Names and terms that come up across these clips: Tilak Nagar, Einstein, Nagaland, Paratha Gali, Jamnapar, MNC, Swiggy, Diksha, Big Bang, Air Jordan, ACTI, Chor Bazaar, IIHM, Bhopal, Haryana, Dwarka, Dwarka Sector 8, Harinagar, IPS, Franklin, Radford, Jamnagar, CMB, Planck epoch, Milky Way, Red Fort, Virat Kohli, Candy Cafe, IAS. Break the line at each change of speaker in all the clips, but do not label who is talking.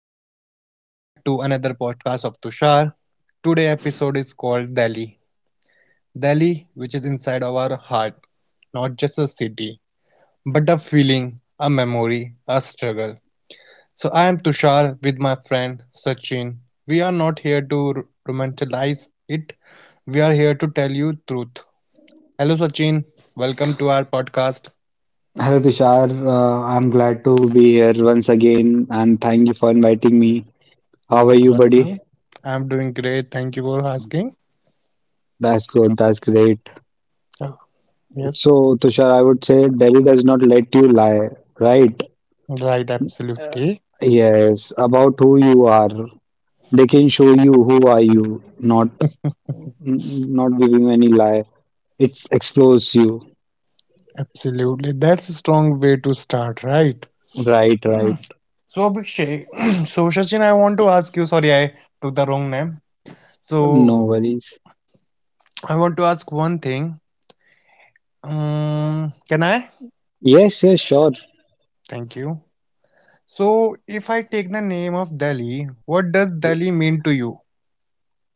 So welcome back to another podcast of Tushar. Today episode is called Delhi. Delhi, which is inside of our heart, not just a city, but a feeling, a memory, a struggle. So I am Tushar with my friend Sachin. We are not here to romanticize it. We are here to tell you truth. Hello Sachin, welcome to our podcast.
Hello Tushar, I'm glad to be here once again and thank you for inviting me.
You're
How are
most
you,
welcome.
buddy?
I'm doing great. Thank you for asking.
That's good, that's great.
Yeah. Yes,
So, Tushar, I would say Delhi does not let you lie, right?
right, absolutely.
Yes, about who you are. They can show you who are you, not give you any lie. It exposes you.
Absolutely. That's a strong way to start, right?
Right, right.
So, Abhishek, so Sachin, I want to ask you, sorry, I took the wrong name. So,
No worries.
I want to ask one thing. Can I?
Yes, yes, sure.
Thank you. So, if I take the name of Delhi, what does Delhi mean to you?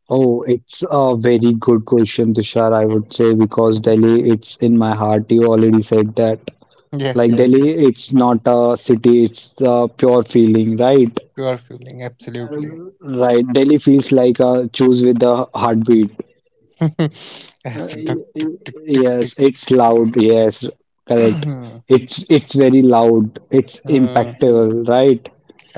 Oh, it's a very good question, Tushar, I would say, because Delhi, it's in my heart. You already said that.
Yes,
Like
yes,
Delhi,
yes.
it's not a city, it's a pure feeling, right?
Pure feeling, absolutely.
Right. Delhi feels like a choose with a heartbeat. Uh,
Absolutely.
yes, it's loud. Yes, correct. It's very loud. It's
Mm,
impactful, right?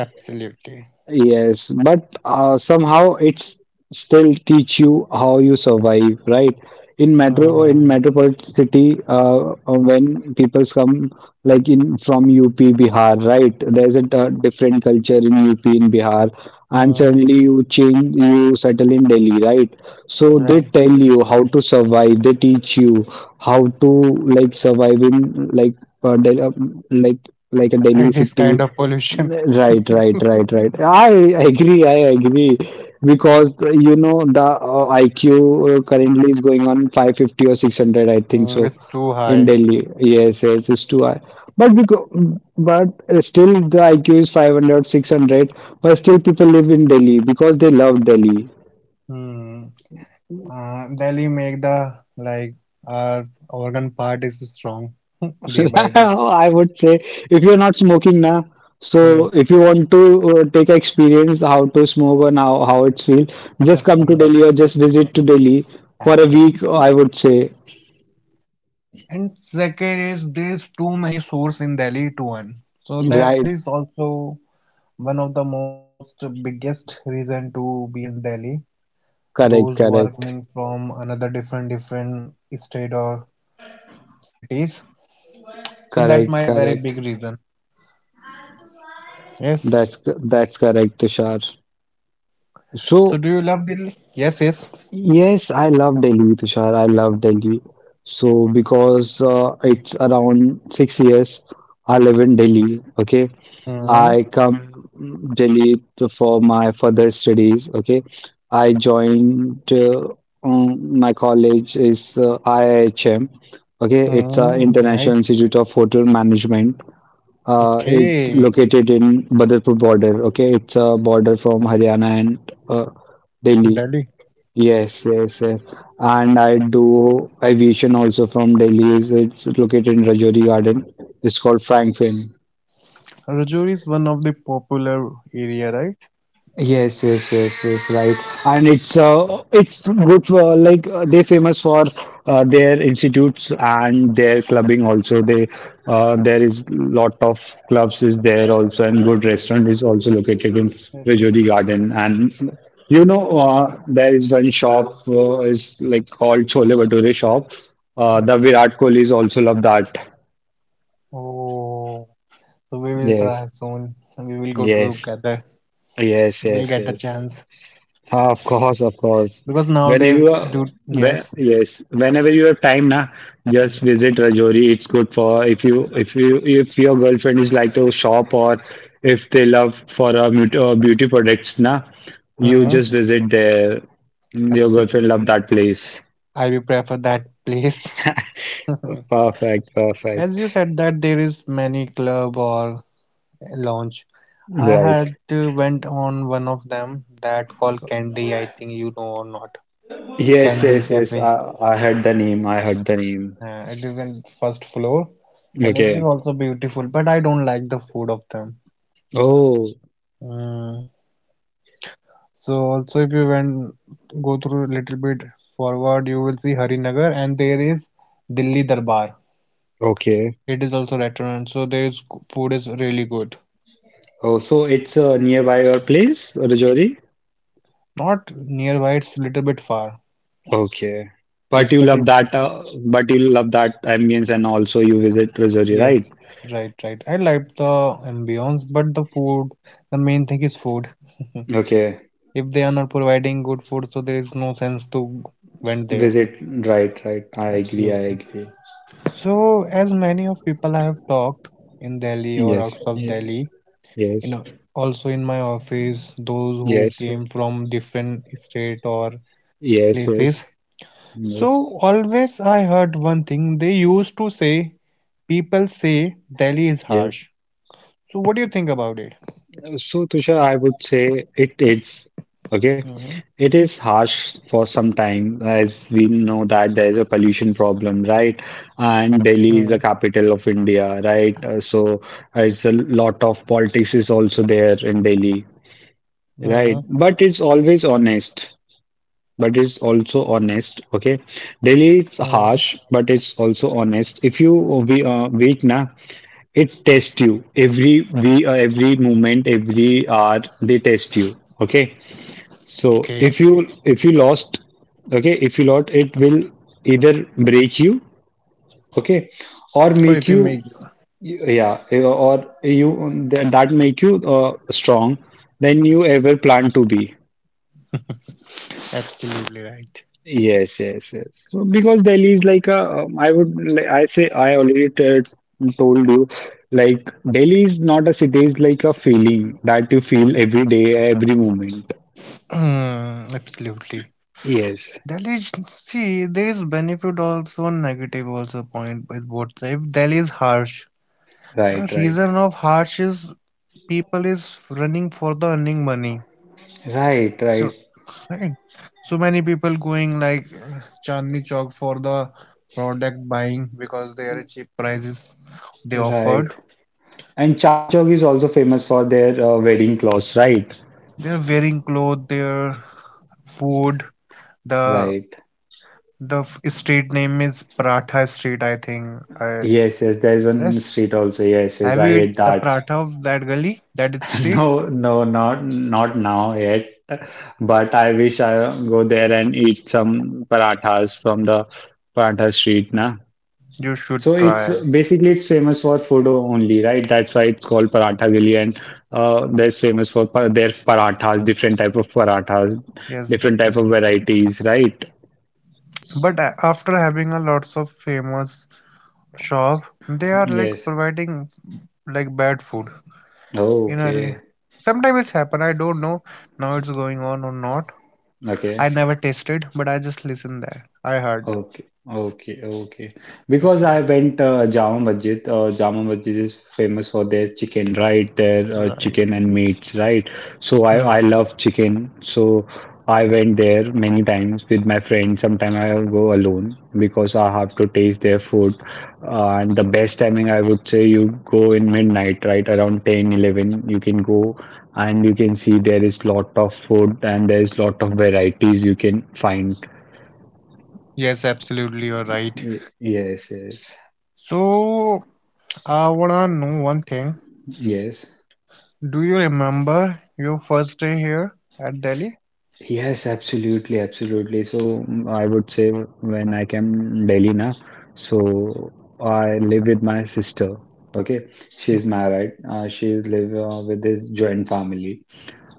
absolutely.
Yes, but somehow it's still teach you how you survive, right? In metro, in
Mm,
metropolitan city, when people come like in from UP, Bihar, right? There's a different culture in UP, in Bihar, and
mm,
suddenly you change, you settle in Delhi, right? So they
right.
tell you how to survive. They teach you how to like survive in like uh, Del- uh, like like a Delhi
Like this
city.
kind of pollution.
Right, right, right, right. I agree, I agree. Because, the IQ currently is going on 550 or 600, I think so,
It's too
in
high.
Delhi. Yes, yes, it's too high. But because, but still the IQ is 500 600. But still people live in Delhi because they love Delhi.
Hmm. Delhi make the like our organ part is strong day by day.
I would say if you're not smoking now,
Hmm.
so if you want to take experience how to smoke and how it's feel, just
Just
come
come
to
Delhi.
Delhi or just visit to
Mhm.
Delhi for a
Absolutely
week, I
right.
would say.
And second is there's too many source in Delhi to one, so that is
Right,
also one of the most biggest reason to be in Delhi, those who are
correct,
coming
correct,
from another different state or cities, so that might very
correct,
big reason.
correct.
Yes.
That's correct, Tushar.
So do you
So,
love Delhi? Yes, yes.
yes, I love Delhi, Tushar. I love Delhi. So because it's around 6 years, I live in Delhi. Okay,
Mm-hmm.
I come Delhi for my further studies. Okay, I joined my college is IIHM. Okay, it's a
Mm-hmm.
International
Nice.
Institute of Hotel Management. It's
Okay.
located in Badarpur border. Okay, it's a border from Haryana and Delhi.
Delhi.
Yes, yes, yes. And I do aviation also from Delhi. It's located in Rajouri Garden. It's called Franklin.
Rajouri is one of the popular area, right?
Yes, yes, yes, yes, right. And it's good for like they're famous for their institutes and their clubbing also. They There is lot of clubs is there also, and good restaurant is also located in
Yes.
Rajodi Garden. And there is one shop is like called Chole Bhature shop. The Virat Kohli is also love that.
Oh. So we will try
Yes,
soon. We will go
yes,
together.
yes,
We'll
yes,
get a
yes.
chance.
Of course, of course.
Because
When
nowadays
you are,
do
where,
yes.
yes, whenever you have time, na, just
Yes.
visit Rajouri. It's good for if your girlfriend is like to shop or if they love for beauty products, na, you
Mm-hmm.
just visit there. Your girlfriend love
Absolutely.
that place.
I will prefer that place.
Perfect,
As
perfect.
you said that there is many club or lounge, I had
Right.
went on one of them that called Candy. I think you know or not.
Yes,
Candy
yes, yes.
Cafe.
I heard the name. I heard the name.
It is in first floor, and it is
Okay.
also beautiful. But I don't like the food of them.
Oh,
Mm. So also, if you went go through a little bit forward, you will see Harinagar, and there is Delhi Darbar.
okay.
It is also restaurant, so there is food is really good.
Oh, so it's nearby your place, Rajouri?
Not nearby; it's a little bit far.
Okay. But
Just
you
but
love
if
that, uh, but you love that ambience, and also you visit Treasury, right?
yes, right, right. I like the ambience, but the food, the main thing is food.
Okay.
If they are not providing good food, so there is no sense to went there.
Visit, right, right. I agree, I
Absolutely.
agree.
So, as many of people I have talked in Delhi or
Yes,
outside of Delhi, you
yes,
know, also in my office, those who
yes,
came from different state or
yes, yes,
places.
yes,
So, always I heard one thing. They used to say, people say Delhi is
yes,
harsh. So, what do you think about it?
so, Tushar, I would say it is okay.
Mhm.
It is harsh for some time, as we know that there is a pollution problem, right? And
Mm,
Delhi is the capital of India, right? So, it's a lot of politics is also there in Delhi,
mm,
right? But it's always honest. But it's also honest, okay? Delhi
mm.
is harsh, but it's also honest. If you we wait, na, it tests you every moment, every hour. They test you. Okay.
Okay,
So if you lost, okay, if you lost, it will either break you, okay,
or
or
if you
make
make you
you, yeah, or you that make you strong than you ever planned to be.
absolutely right.
Yes, yes, yes. So because Delhi is like a, I would, I say, I already told you, like Delhi is not a city, it's like a feeling that you feel every day, every moment.
Mm, absolutely.
Yes,
That is see, there is benefit also, negative also point with both sides. Delhi harsh,
right,
but
right,
reason of harsh is people is running for the earning money.
right,
So
right,
right, so many people going like Chandni Chowk for the product buying because they are cheap prices they offered.
right. And Chandni Chowk is also famous for their wedding clothes, right?
They're wearing clothes, their food, the
Right.
The f- street name is Paratha Street, I think. I
Yes, yes. There is one
yes.
street also. Yes, yes.
Have
I
you eat
hate
the
that.
paratha of that gully, that is street?
No, no, not now yet. But I wish I go there and eat some parathas from the paratha street, na.
You should
So it's
try.
basically it's famous for food only, right? That's why it's called Paratha Gali, and they're famous for their parathas, different type of parathas,
Yes,
different type
different.
of varieties, right?
But a- after having a lots of famous shop, they are like
Yes.
providing like bad food
Oh,
in early.
okay.
Sometimes it's happen. I don't know now it's going on or not. I
Okay.
never tasted, but I just listened there. I heard.
Okay, okay, okay.
Yes,
Because I
yes,
went Jama Masjid. Jama Masjid is famous for their chicken, right? Their chicken
right.
and meats, right? So I
Hmm.
I love chicken. So I went there many times with my friends. Sometimes I will go alone because I have to taste their food. And the best timing I would say you go in midnight, right? Around 10, 11, you can go and you can see there is lot of food and there is lot of varieties you can find.
Yes, absolutely, you're right.
Yes, yes,
So. I wanna know one thing.
yes.
Do you remember your first day here at Delhi?
Yes, absolutely, absolutely. So I would say when I came Delhi now, so I live with my sister. Okay, she's married. She live with this joint family.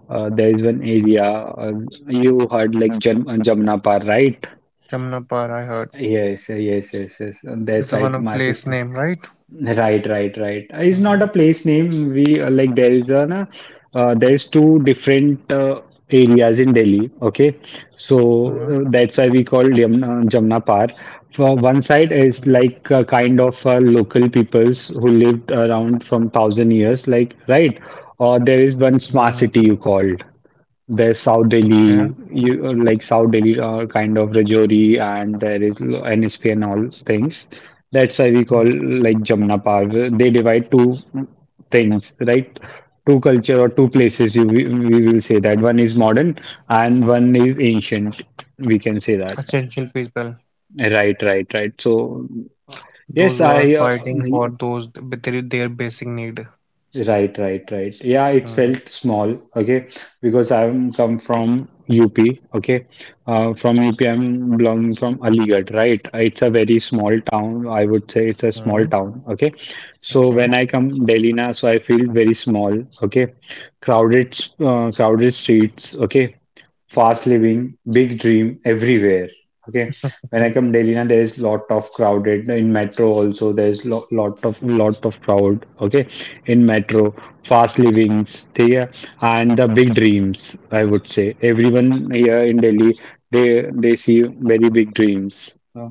There is one area you heard like Jamnapar, right?
Jamnagar? I heard.
Yes, yes, yes, yes. On their
It's the
side,
one of
my
place
sister.
name, right?
Right, right, right. It's not a place name. We Like there is an there's two different areas in Delhi. Okay, so
Mm-hmm.
that's why we call Jamna Par. For one side is like kind of local peoples who lived around from thousand years, like right. Or there is one smart city you called. There's South
Okay.
Delhi, you like South Delhi kind of Rajouri, and there is NSP and all things. That's why
Mm.
we call like Jamna Park. They divide two things, right? Two culture or two places. We will say that one is modern and one is ancient. We can say that.
Essential people,
Right, right, right. So,
those who are
yes, I
fighting for those with their basic need.
right, right, right. Yeah, it felt small, okay, because I'm come from UP, okay. From UP, I'm belonging from Aligarh, right? It's a very small town. I would say it's a small
Mm-hmm.
town, okay. So
Okay.
when I come Delhi now, so I feel very small, okay. Crowded streets, okay, fast living, big dream everywhere. Okay, when I
Mm.
come Delhi, na, there is lot of crowded in metro also. There is lot of crowd. Okay, in metro, fast livings, ठीक है? And the big dreams. I would say everyone here in Delhi, they see very big dreams.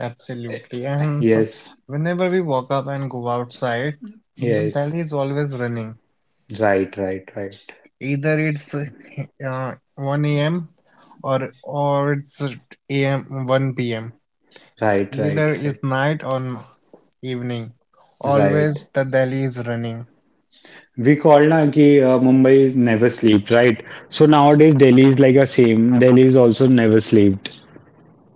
Absolutely. And
Yes,
whenever we walk up and go outside, the
yes,
Delhi is always running.
right, right, right,
Either it's 1 a.m. or it's a.m. 1 p.m.
right, right,
Either
right,
it's night or evening.
right.
Always the Delhi is running.
We call na ki Mumbai never sleeps, right? So nowadays Delhi is like a same. Delhi is also never slept,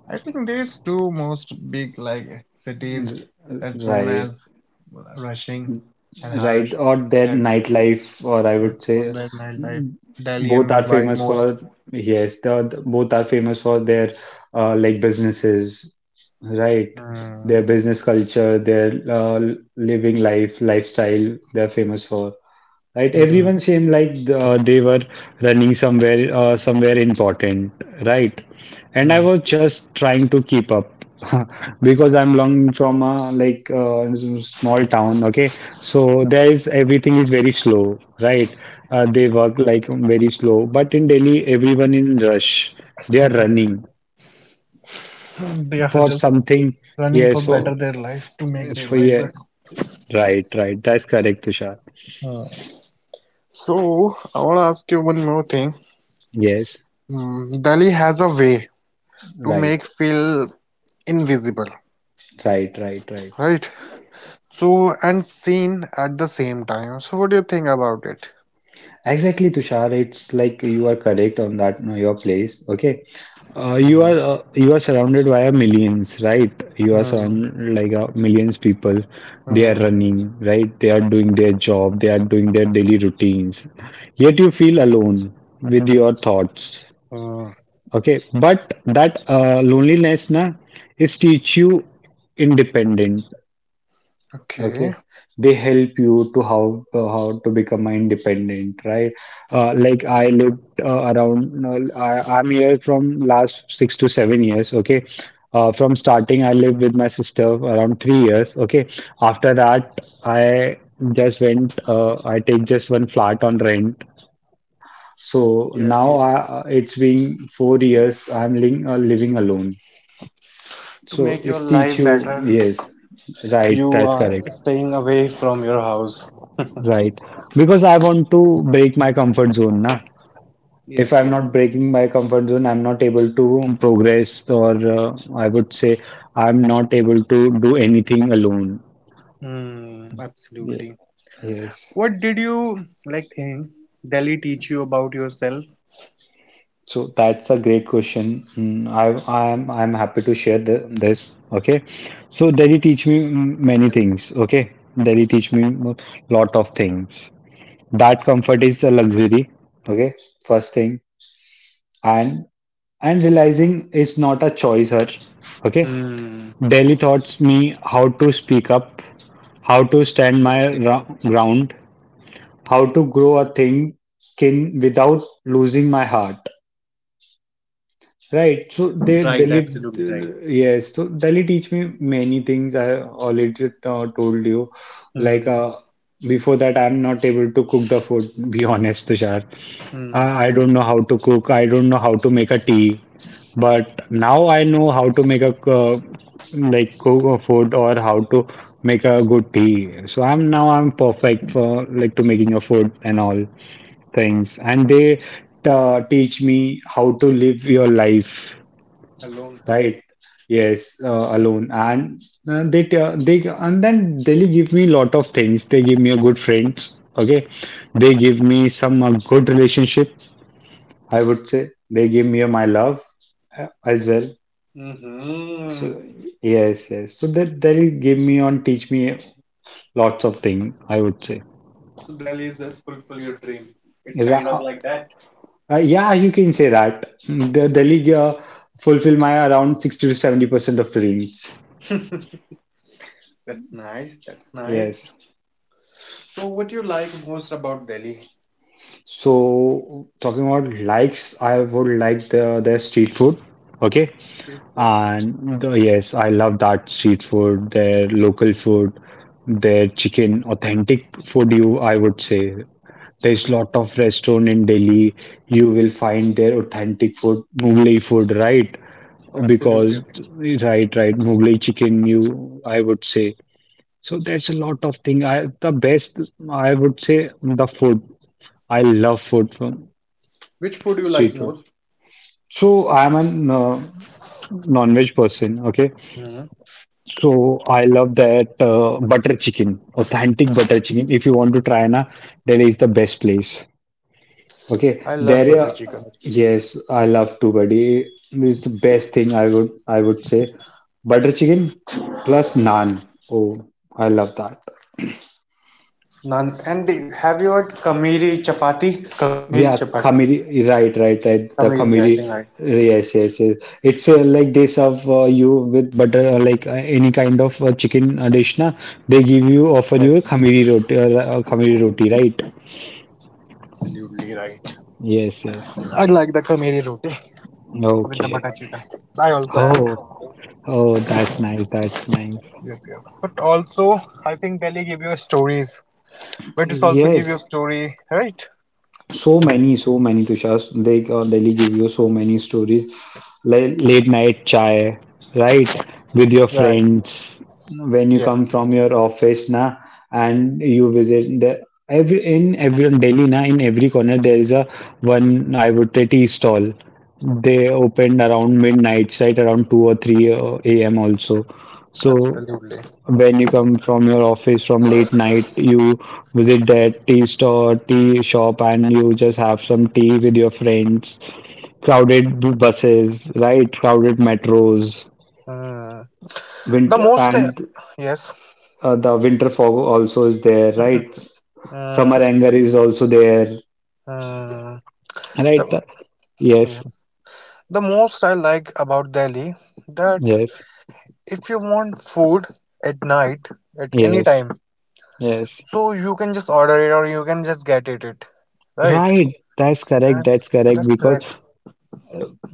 I think these two most big like cities that known
right?
as rushing and
Right?
harsh,
Or their
that
nightlife, or I
is
would
for
say
their nightlife.
mm,
Delhi and
both are
Mumbai
famous
most.
for, yes, both are famous for their like businesses, right?
Hmm,
Their business culture, their living life, lifestyle, they're famous for. Right,
hmm,
everyone seemed like they were running somewhere important, right? And I
hmm.
was just trying to keep up. Because I'm long from a like small town. Okay, so there is everything is very slow, right? They work like very slow, but in Delhi, everyone in rush. They are running
They are
for
just
something.
running
Yes,
for
for,
better their life to make their
for
life
yeah,
better.
right, right. That's correct, Tushar.
Hmm. So I want to ask you one more thing.
Yes,
Mm, Dali has a way to
right,
make feel invisible,
right, right, right.
right? So and seen at the same time. So what do you think about it?
Exactly, Tushar. It's like you are correct on that, no, your place. Okay. You
Mm,
are uh, you are surrounded by a millions, right? You are
mm,
surrounded like a millions people. They are
mm,
running, right? They are doing their job. They are doing their daily routines. Yet you feel alone with your thoughts.
mm.
Okay. But that loneliness na, is teach you independent.
Okay.
Okay, they help you to how to become independent, right? Like I lived around I'm here from last 6 to 7 years. Okay, from starting I lived with my sister around 3 years. Okay, after that I just went I take just one flat on rent. So
Yes,
now
yes.
it's been 4 years I'm living alone.
To make your
So it's
life
teach you,
better,
yes,
you
right,
are
that's correct.
staying away from your house.
Right. Because I want to break my comfort zone, na. If
Yes,
I'm not
yes.
breaking my comfort zone, I'm not able to progress, or I would say I'm not able to do anything alone.
Mm,
Ye-
absolutely.
Yes.
What did you like think Delhi teach you about yourself?
So that's a great question. I'm happy to share this. Okay. So Delhi teach me many
Yes.
things. Okay. Delhi teach me a lot of things. That comfort is a luxury. Okay. First thing. And and realizing it's not a choice her. Okay.
Hmm.
Daily thoughts me how to speak up, how to stand my
Yes.
ground, how to grow a thin skin without losing my heart. Right. So they
Right,
Dalit,
absolutely right.
yes. So Dalit teach me many things. I have already told you.
Hmm.
Like before that, I'm not able to cook the food. Be honest, Tushar.
Hmm.
I don't know how to cook. I don't know how to make a tea. But now I know how to make a like cook a food or how to make a good tea. So I'm now I'm perfect for like to making a food and all things, and they teach me how to live your life.
Alone.
Right. Yes, alone. And they t- they and then they give me lot of things. They give me a good friends. Okay. They give me some good relationship. I would say they give me my love as well.
Mm-hmm.
So yes, yes, so that they give me and teach me lots of things, I would
So Delhi is just fulfill your dream. It's kind of
say.
like that.
Yeah, you can say that. The league fulfill my around 60 to 70% of dreams.
That's nice. That's nice.
Yes.
So what do you like most about Delhi?
So talking about likes, I would like the street food. Okay.
Street food.
And the, yes, I love that street food, their local food, their chicken, authentic food, you I would say. There's
Hmm.
lot of restaurant in Delhi. You will find their authentic food, Mughlai food, right? Because
Absolutely, right.
right, right, Mughlai chicken, you I would say. So there's a lot of thing. I the best I would say the food. I love food from
Which food you
street
like
food.
most?
So I'm a non-veg person, okay?
Hmm.
So I love that butter chicken, authentic butter chicken. If you want to try na, Delhi is the best place.
I
Okay,
love butter
there.
chicken actually.
Yes, I love too, buddy. It's the best thing, I would say. Butter chicken plus naan. Oh, I love that.
Naan. And the- have you heard Kamiri chapati? Kamiri
Yeah,
chapati.
Khamiri, right, right, right. The
Kamiri, I think
Khamiri,
I.
yes, yes, yes. It's like they serve you with butter, like any kind of chicken dish, na. They give you, offer you
Yes,
a
yes.
Khamiri roti, right?
Absolutely right.
Yes, yes.
I like the Kamiri roti with the
Okay.
butter chicken. I also have.
Oh, oh, that's nice, that's nice.
Yes, yes. But also, I think Delhi give you stories. But it's also
Yes.
give you story, right?
So many, so many, Tushar. They Delhi give you so many stories. Like late night chai, right? With your
Right.
friends. When you come
Yes,
from
yes.
your office, na, and you visit the every in every Delhi, na, in every corner there is a one I would say tea stall. They opened around midnight, right around two or three a.m. also. So
Absolutely.
when you come from your office from late night, you visit that tea store, tea shop, and you just have some tea with your friends. Crowded buses, right? Crowded metros,
Mm. The
winter,
most,
and
yes.
the winter fog also is there, right? Summer
Mm,
anger is also there,
mm.
right?
The,
Yes,
yes. The most I like about Delhi that
yes,
if you want food at night at any
yes,
time,
yes.
so you can just order it or you can just get it, it right?
Right. That's correct.
And
That's correct.
that's
Because
correct.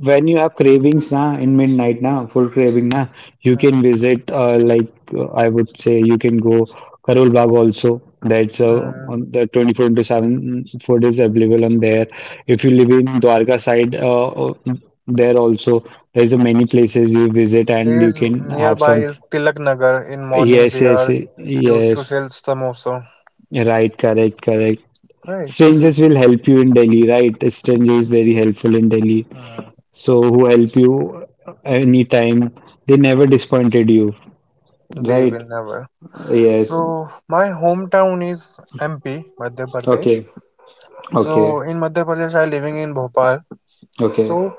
when you have cravings na in midnight na full craving na, you
Mm,
can visit I would say you can go Karol Bagh also. That's
mm.
on the 24 into 7 food is available on there. If you live in Dwarka side, there also there's a many places you visit and
There
you
is
can have
nearby
some.
is Tilak Nagar. In morning
Yes,
they
yes,
are used to
yes,
sell samosa,
right, correct, correct.
right?
Strangers will help you in Delhi, right? Stranger is very helpful in Delhi.
Mm,
So who help you anytime, they never disappointed you,
they
right?
will never.
Yes.
So my hometown is MP, Madhya Pradesh.
Okay,
So
okay,
in Madhya Pradesh I living in Bhopal.
okay,
So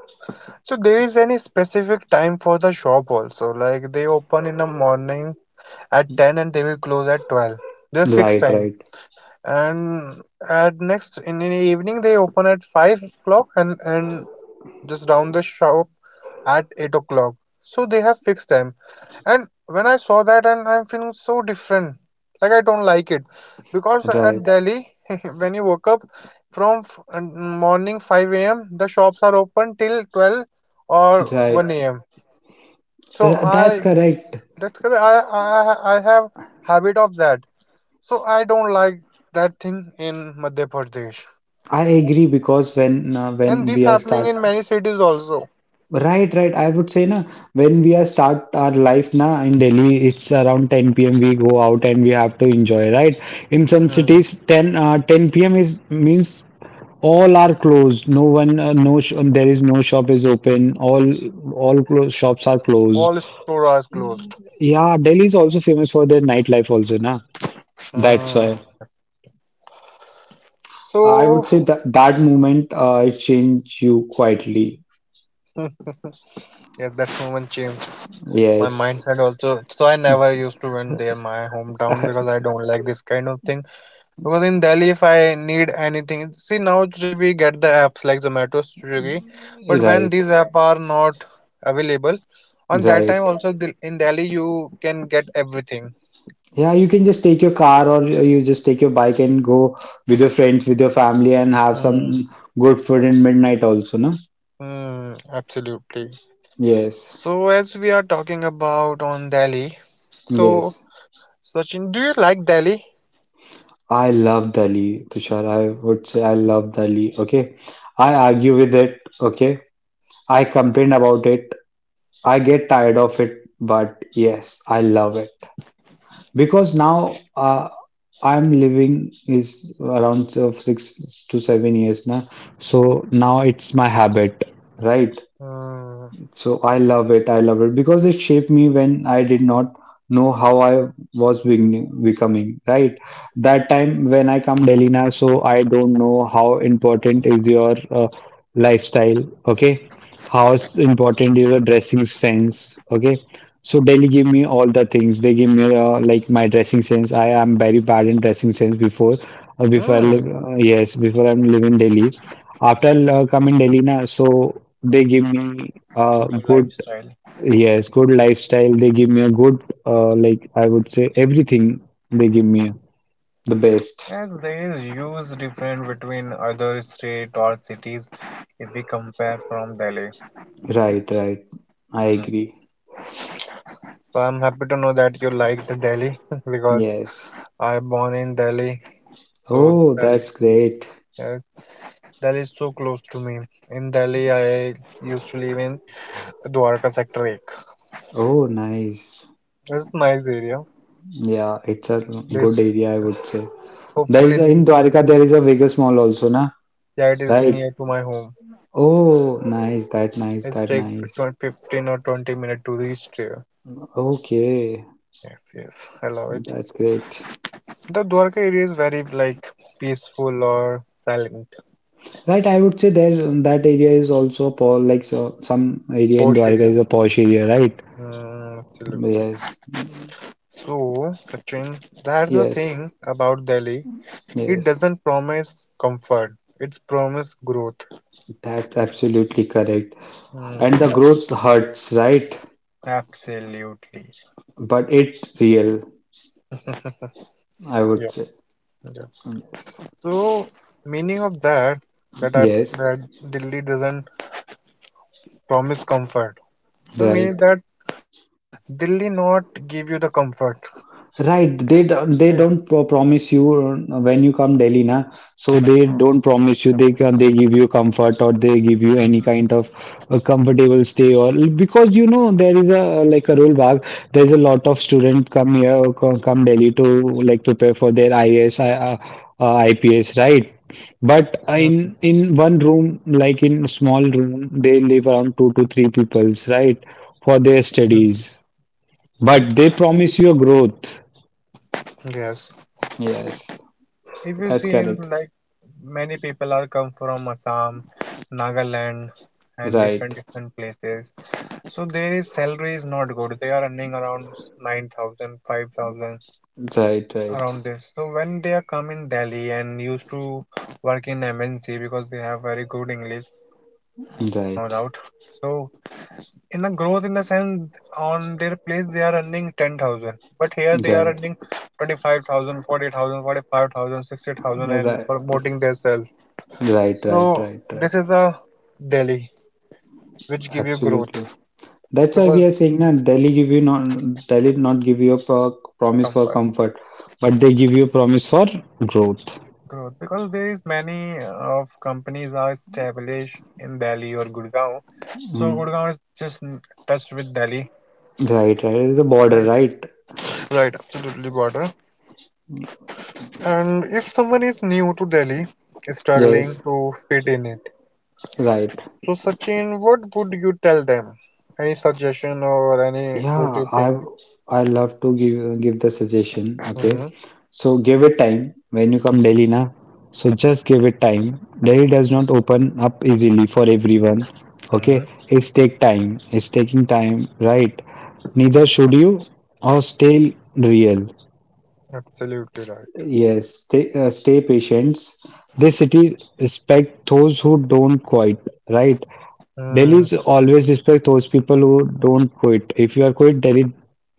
so there is any specific time for the shop also. Like they open in the morning at 10 and they will close at 12. They're fixed
right,
time.
right,
And at next in the evening they open at 5 o'clock and just round the shop at 8 o'clock. So they have fixed time. And when I saw that, and I'm feeling so different. Like I don't like it because at
right,
Delhi, when you woke up from f- morning 5 a.m., the shops are open till 12 or
right.
1 a.m. So I
That's correct.
that's correct. I have habit of that. So I don't like that thing in Madhya Pradesh.
I agree, because when uh,
And
when
this
we are
happening
start.
in many cities also.
Right, right, I would say na, when we are start our life na in Delhi, it's around 10 p.m. we go out and we have to enjoy, right? In some
Hmm.
cities 10 p.m. is means all are closed. No one, no, sh there is no shop is open. All closed, shops are
All
closed.
store are closed.
Yeah, Delhi is also famous for their nightlife also, na? That's why.
Hmm.
I
So
would say that that moment, it changed you quietly.
yes, that moment changed my
Yes.
mindset also. So I never used to run there, my hometown, because I don't like this kind of thing. Because in Delhi, if I need anything, see now today we get the apps like Zomato, Swiggy, but when
Right.
these app are not available, on that
Right.
time also the- in Delhi you can get everything.
Yeah, you can just take your car or you just take your bike and go with your friends, with your family, and have
Hmm.
some good food in midnight also, no?
Hmm. Absolutely.
Yes.
So as we are talking about on Delhi, so
Yes.
Sachin, do you like Delhi?
I love Delhi, Tushar. I would say I love Delhi. Okay. I argue with it. Okay. I complain about it. I get tired of it. But yes, I love it. Because now I'm living is around of 6 to 7 years now. So now it's my habit, right?
Hmm.
So I love it. I love it because it shaped me when I did not know how I was becoming, right? That time when I come Delhi now, so I don't know how important is your lifestyle, okay? How important is your dressing sense, okay? So Delhi give me all the things. They give me like my dressing sense. I am very bad in dressing sense before,
Hmm,
yes, before I'm living Delhi. After coming Delhi na, so they give me
new
good,
lifestyle.
yes, good lifestyle. They give me a good like I would say everything. They give me the best.
As there is huge difference between other states or cities if we compare from Delhi.
Right, right, I
Hmm.
agree.
So I'm happy to know that you like the Delhi because
Yes.
I born in Delhi. So
Oh,
Delhi,
that's great.
yeah, Delhi is so close to me. In Delhi, I used to live in Dwarka Sector 8.
Oh, nice.
It's nice area.
Yeah, it's a good
There's
area, I would say. There is
hopefully
a, in
this
Dwarka there is a Vegas mall also, na?
yeah it is
Right.
near to my home.
Oh, nice, that nice,
It
that
takes
nice.
15 or 20 minutes to reach there.
Okay.
Yes, yes, I love it.
That's great.
The Dwarka area is very like peaceful or silent,
Right, I would say there that area is also poor, like so, some area in
posh
Dwarka
area.
is a posh area, right?
Mm, absolutely.
Yes,
So, Sachin, that's the
yes,
thing about Delhi. It
yes.
doesn't promise comfort. It's promise growth.
That's absolutely correct.
Mm,
And the growth hurts, right?
absolutely.
But it real, I would
Yeah.
say.
Yes.
Yes,
So, meaning of that that I
yes,
that Delhi doesn't promise comfort. So meaning
right.
that Delhi not give you the comfort.
Right, they don't
Right.
they don't promise you when you come Delhi na. So they don't promise you they can they give you comfort or they give you
Mhm.
any kind of a comfortable stay or, because you know, there is a like a rollback. There's a lot of student come here come Delhi to like prepare for their IAS, IPS, right? But
Mm,
in one room, like in small room, they live around two to three peoples, right, for their
mm,
studies. But they promise you a growth.
yes.
Yes,
If you
that's
seen like
correct.
many people are come from Assam, Nagaland and different
Right,
different places. So there is salary is not good. They are earning around 9,000, 5,000,
right, right,
around this. So when they are come in Delhi and used to work in MNC because they have very good English, no
right,
doubt. So in a growth in the sense on their place they are earning 10,000. But here they are
right.
earning 25,000, 40,000, 45,000, 60,000,
Yeah,
and
right,
promoting their self.
right,
So
right, right, right.
this is a Delhi which give you growth
Absolutely. That's why we
because
are saying na Delhi give you not, Delhi not give you a promise for
comfort
comfort, but they give you a promise for growth.
growth because there is many of companies are established in Delhi or Gurgaon. So
Mm.
Gurgaon is just n- touched with Delhi.
Right, right. It's a border,
Right,
right?
right, absolutely border. And if someone is new to Delhi, struggling
Yes,
to fit in it,
right.
so Sachin, what would you tell them? Any suggestion or any what do
Yeah,
you
I
think?
I love to give give the suggestion. Okay,
Hmm.
so give it time when you come Delhi na. So just give it time. Delhi does not open up easily for everyone. Okay,
Hmm.
it's take time. It's taking time, right? Neither should you or stay real.
Absolutely right.
Yes, stay, stay patients. This city respect those who don't quit, right?
Mm,
Delhi's always respect those people who don't quit. If you are quit, Delhi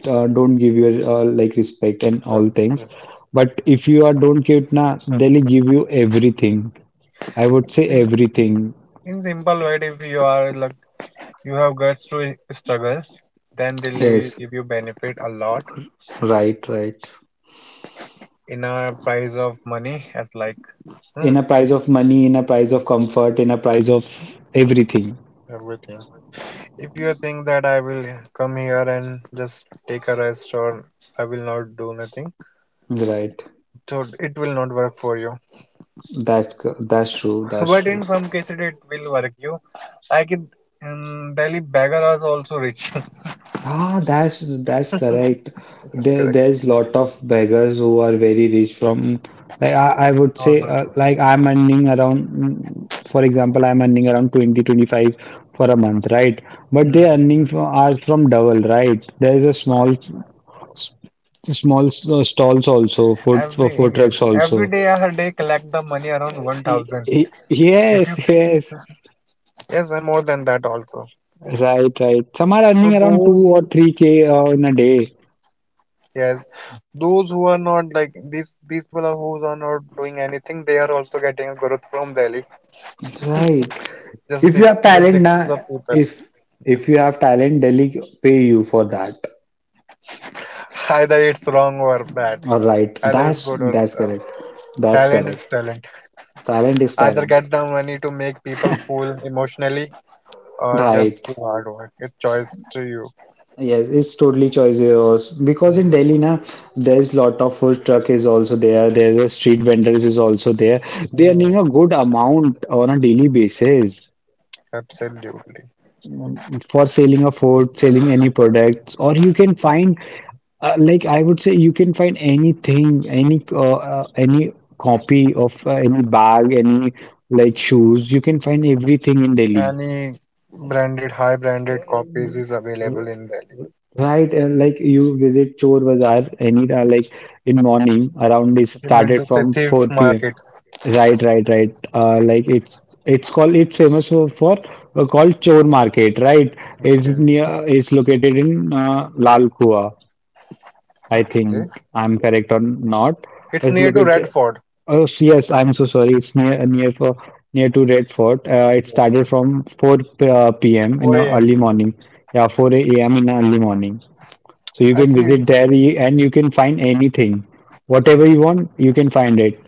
don't give you like respect and
so,
all things.
yeah.
But if you are don't quit, na Delhi give you everything. I would say
See,
everything.
in simple word, if you are like you have guts to struggle, then they will
Yes,
give you benefit a lot
right, right.
in a price of money as like hmm,
In a price of money, in a price of comfort, in a price of everything.
everything. If you think that I will come here and just take a rest or I will not do nothing,
Right.
so it will not work for you.
That's true. That's
But
true.
in some cases, it will work you. Like in Delhi, beggar is also rich.
Ah, that's correct.
That's
There
correct.
there's lot of beggars who are very rich from like I would say,
Normal.
like I'm earning around mm, for example I'm earning around 20 to 25 for a month, right? But
Hmm.
they earning from, are from double, right? There's a small
Like
small stalls also food for
every
food trucks
yes,
also.
every day I day collect the money around one thousand. If
Yes,
you,
yes,
yes, and more than that also.
right, right, some are
So
earning around 2
those,
or 3K in a day,
yes, those who are not like these people are who are not doing anything, they are also getting a growth from Delhi
right?
just
If
be
you have
just
talent, na,
because of people.
if if you have talent, Delhi pay you for that.
Either it's wrong or bad.
All right,
Either it's good or
that's
wrong.
correct. That's
Talent
correct.
is talent.
Talent is
Either
talent.
get the money to make people fool emotionally or
Right.
just do hard work. It's choice to you.
Yes, it's totally choice yours, because in
Mm,
Delhi na there's lot of food truck is also there. There's a street vendors is also there. They are earning a
mm,
good amount on a daily basis,
absolutely.
for selling a fort, selling any products, or you can find like I would say you can find anything, any copy of any bag, any like shoes. You can find everything in Delhi.
Any branded, high branded copies is available in Delhi.
Right, like you visit Chor Bazaar any like in morning around this
He went to
started
say
from
thief
4 p.m.
Market.
Right, right, right. Like it's called it's famous for, called Chor Market, right? It's
Okay,
near it's located in Lal Kua. I
okay.
think. I'm correct or not?
It's
It's
near to
located.
Radford.
Yes, I'm so sorry. It's near
Mm,
near for near to Red Fort. It
yes,
started
yes.
from p.m. in the
4 a.m.
early morning. Yeah, 4 a.m. in the early morning. So you
I
can
see.
visit there and you can find anything. Whatever
Mm,
you want, you can find it.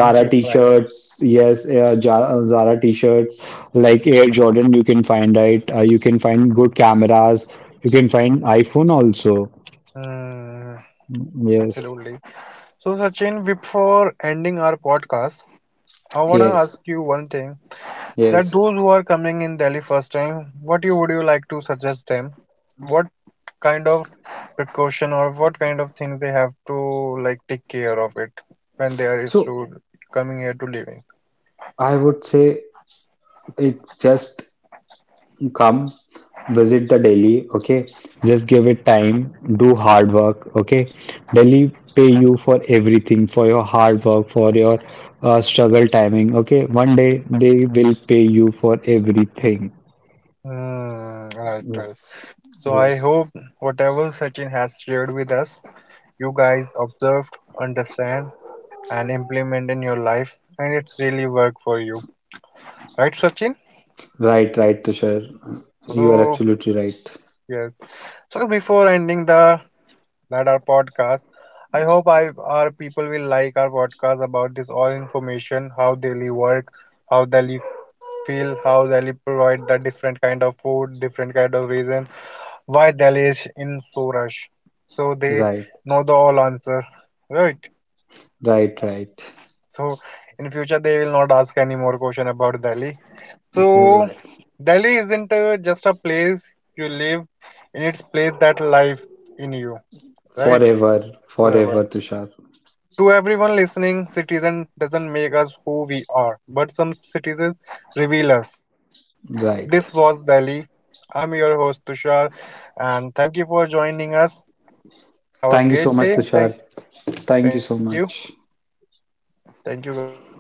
in cheap price.
t-shirts, yes, Zara t-shirts, like Air Jordan, you can find it. You can find good cameras. You can find iPhone also.
Mm, absolutely. So, Sachin, before ending our podcast, I want to ask you one thing. That those who are coming in Delhi first time, what you would you like to suggest them? What kind of precaution or what kind of thing they have to like take care of it when they are is
So
to coming here to living?
I would say it's just come, visit the Delhi, okay? Just give it time, do hard work, okay? Delhi pay you for everything, for your hard work, for your struggle timing, okay? One day they will pay you for everything.
Hmm. Right, right. So I hope whatever Sachin has shared with us, you guys observed, understand, and implement in your life, and it's really worked for you, right, Sachin?
Right, right, Tushar. You are
So
absolutely right.
yes. So before ending the that our podcast, I hope I, our people will like our podcast about this all information, how daily work, how daily feel, how daily provide the different kind of food, different kind of reason why Dalish in so rush? So they
Right,
know the all answer, right?
right, right.
So in future they will not ask any more question about Delhi. So
Right.
Delhi isn't just a place you live in; its place that life in you, right?
Forever,
Forever.
forever, Tushar.
To everyone listening, citizen doesn't make us who we are, but some citizens reveal us.
Right.
This was Delhi. I'm your host Tushar, and thank you for joining us. Have
Thank you
a
so much,
great day.
Tushar.
Thank
Thank you so
Thank you.
much.
Thank you guys.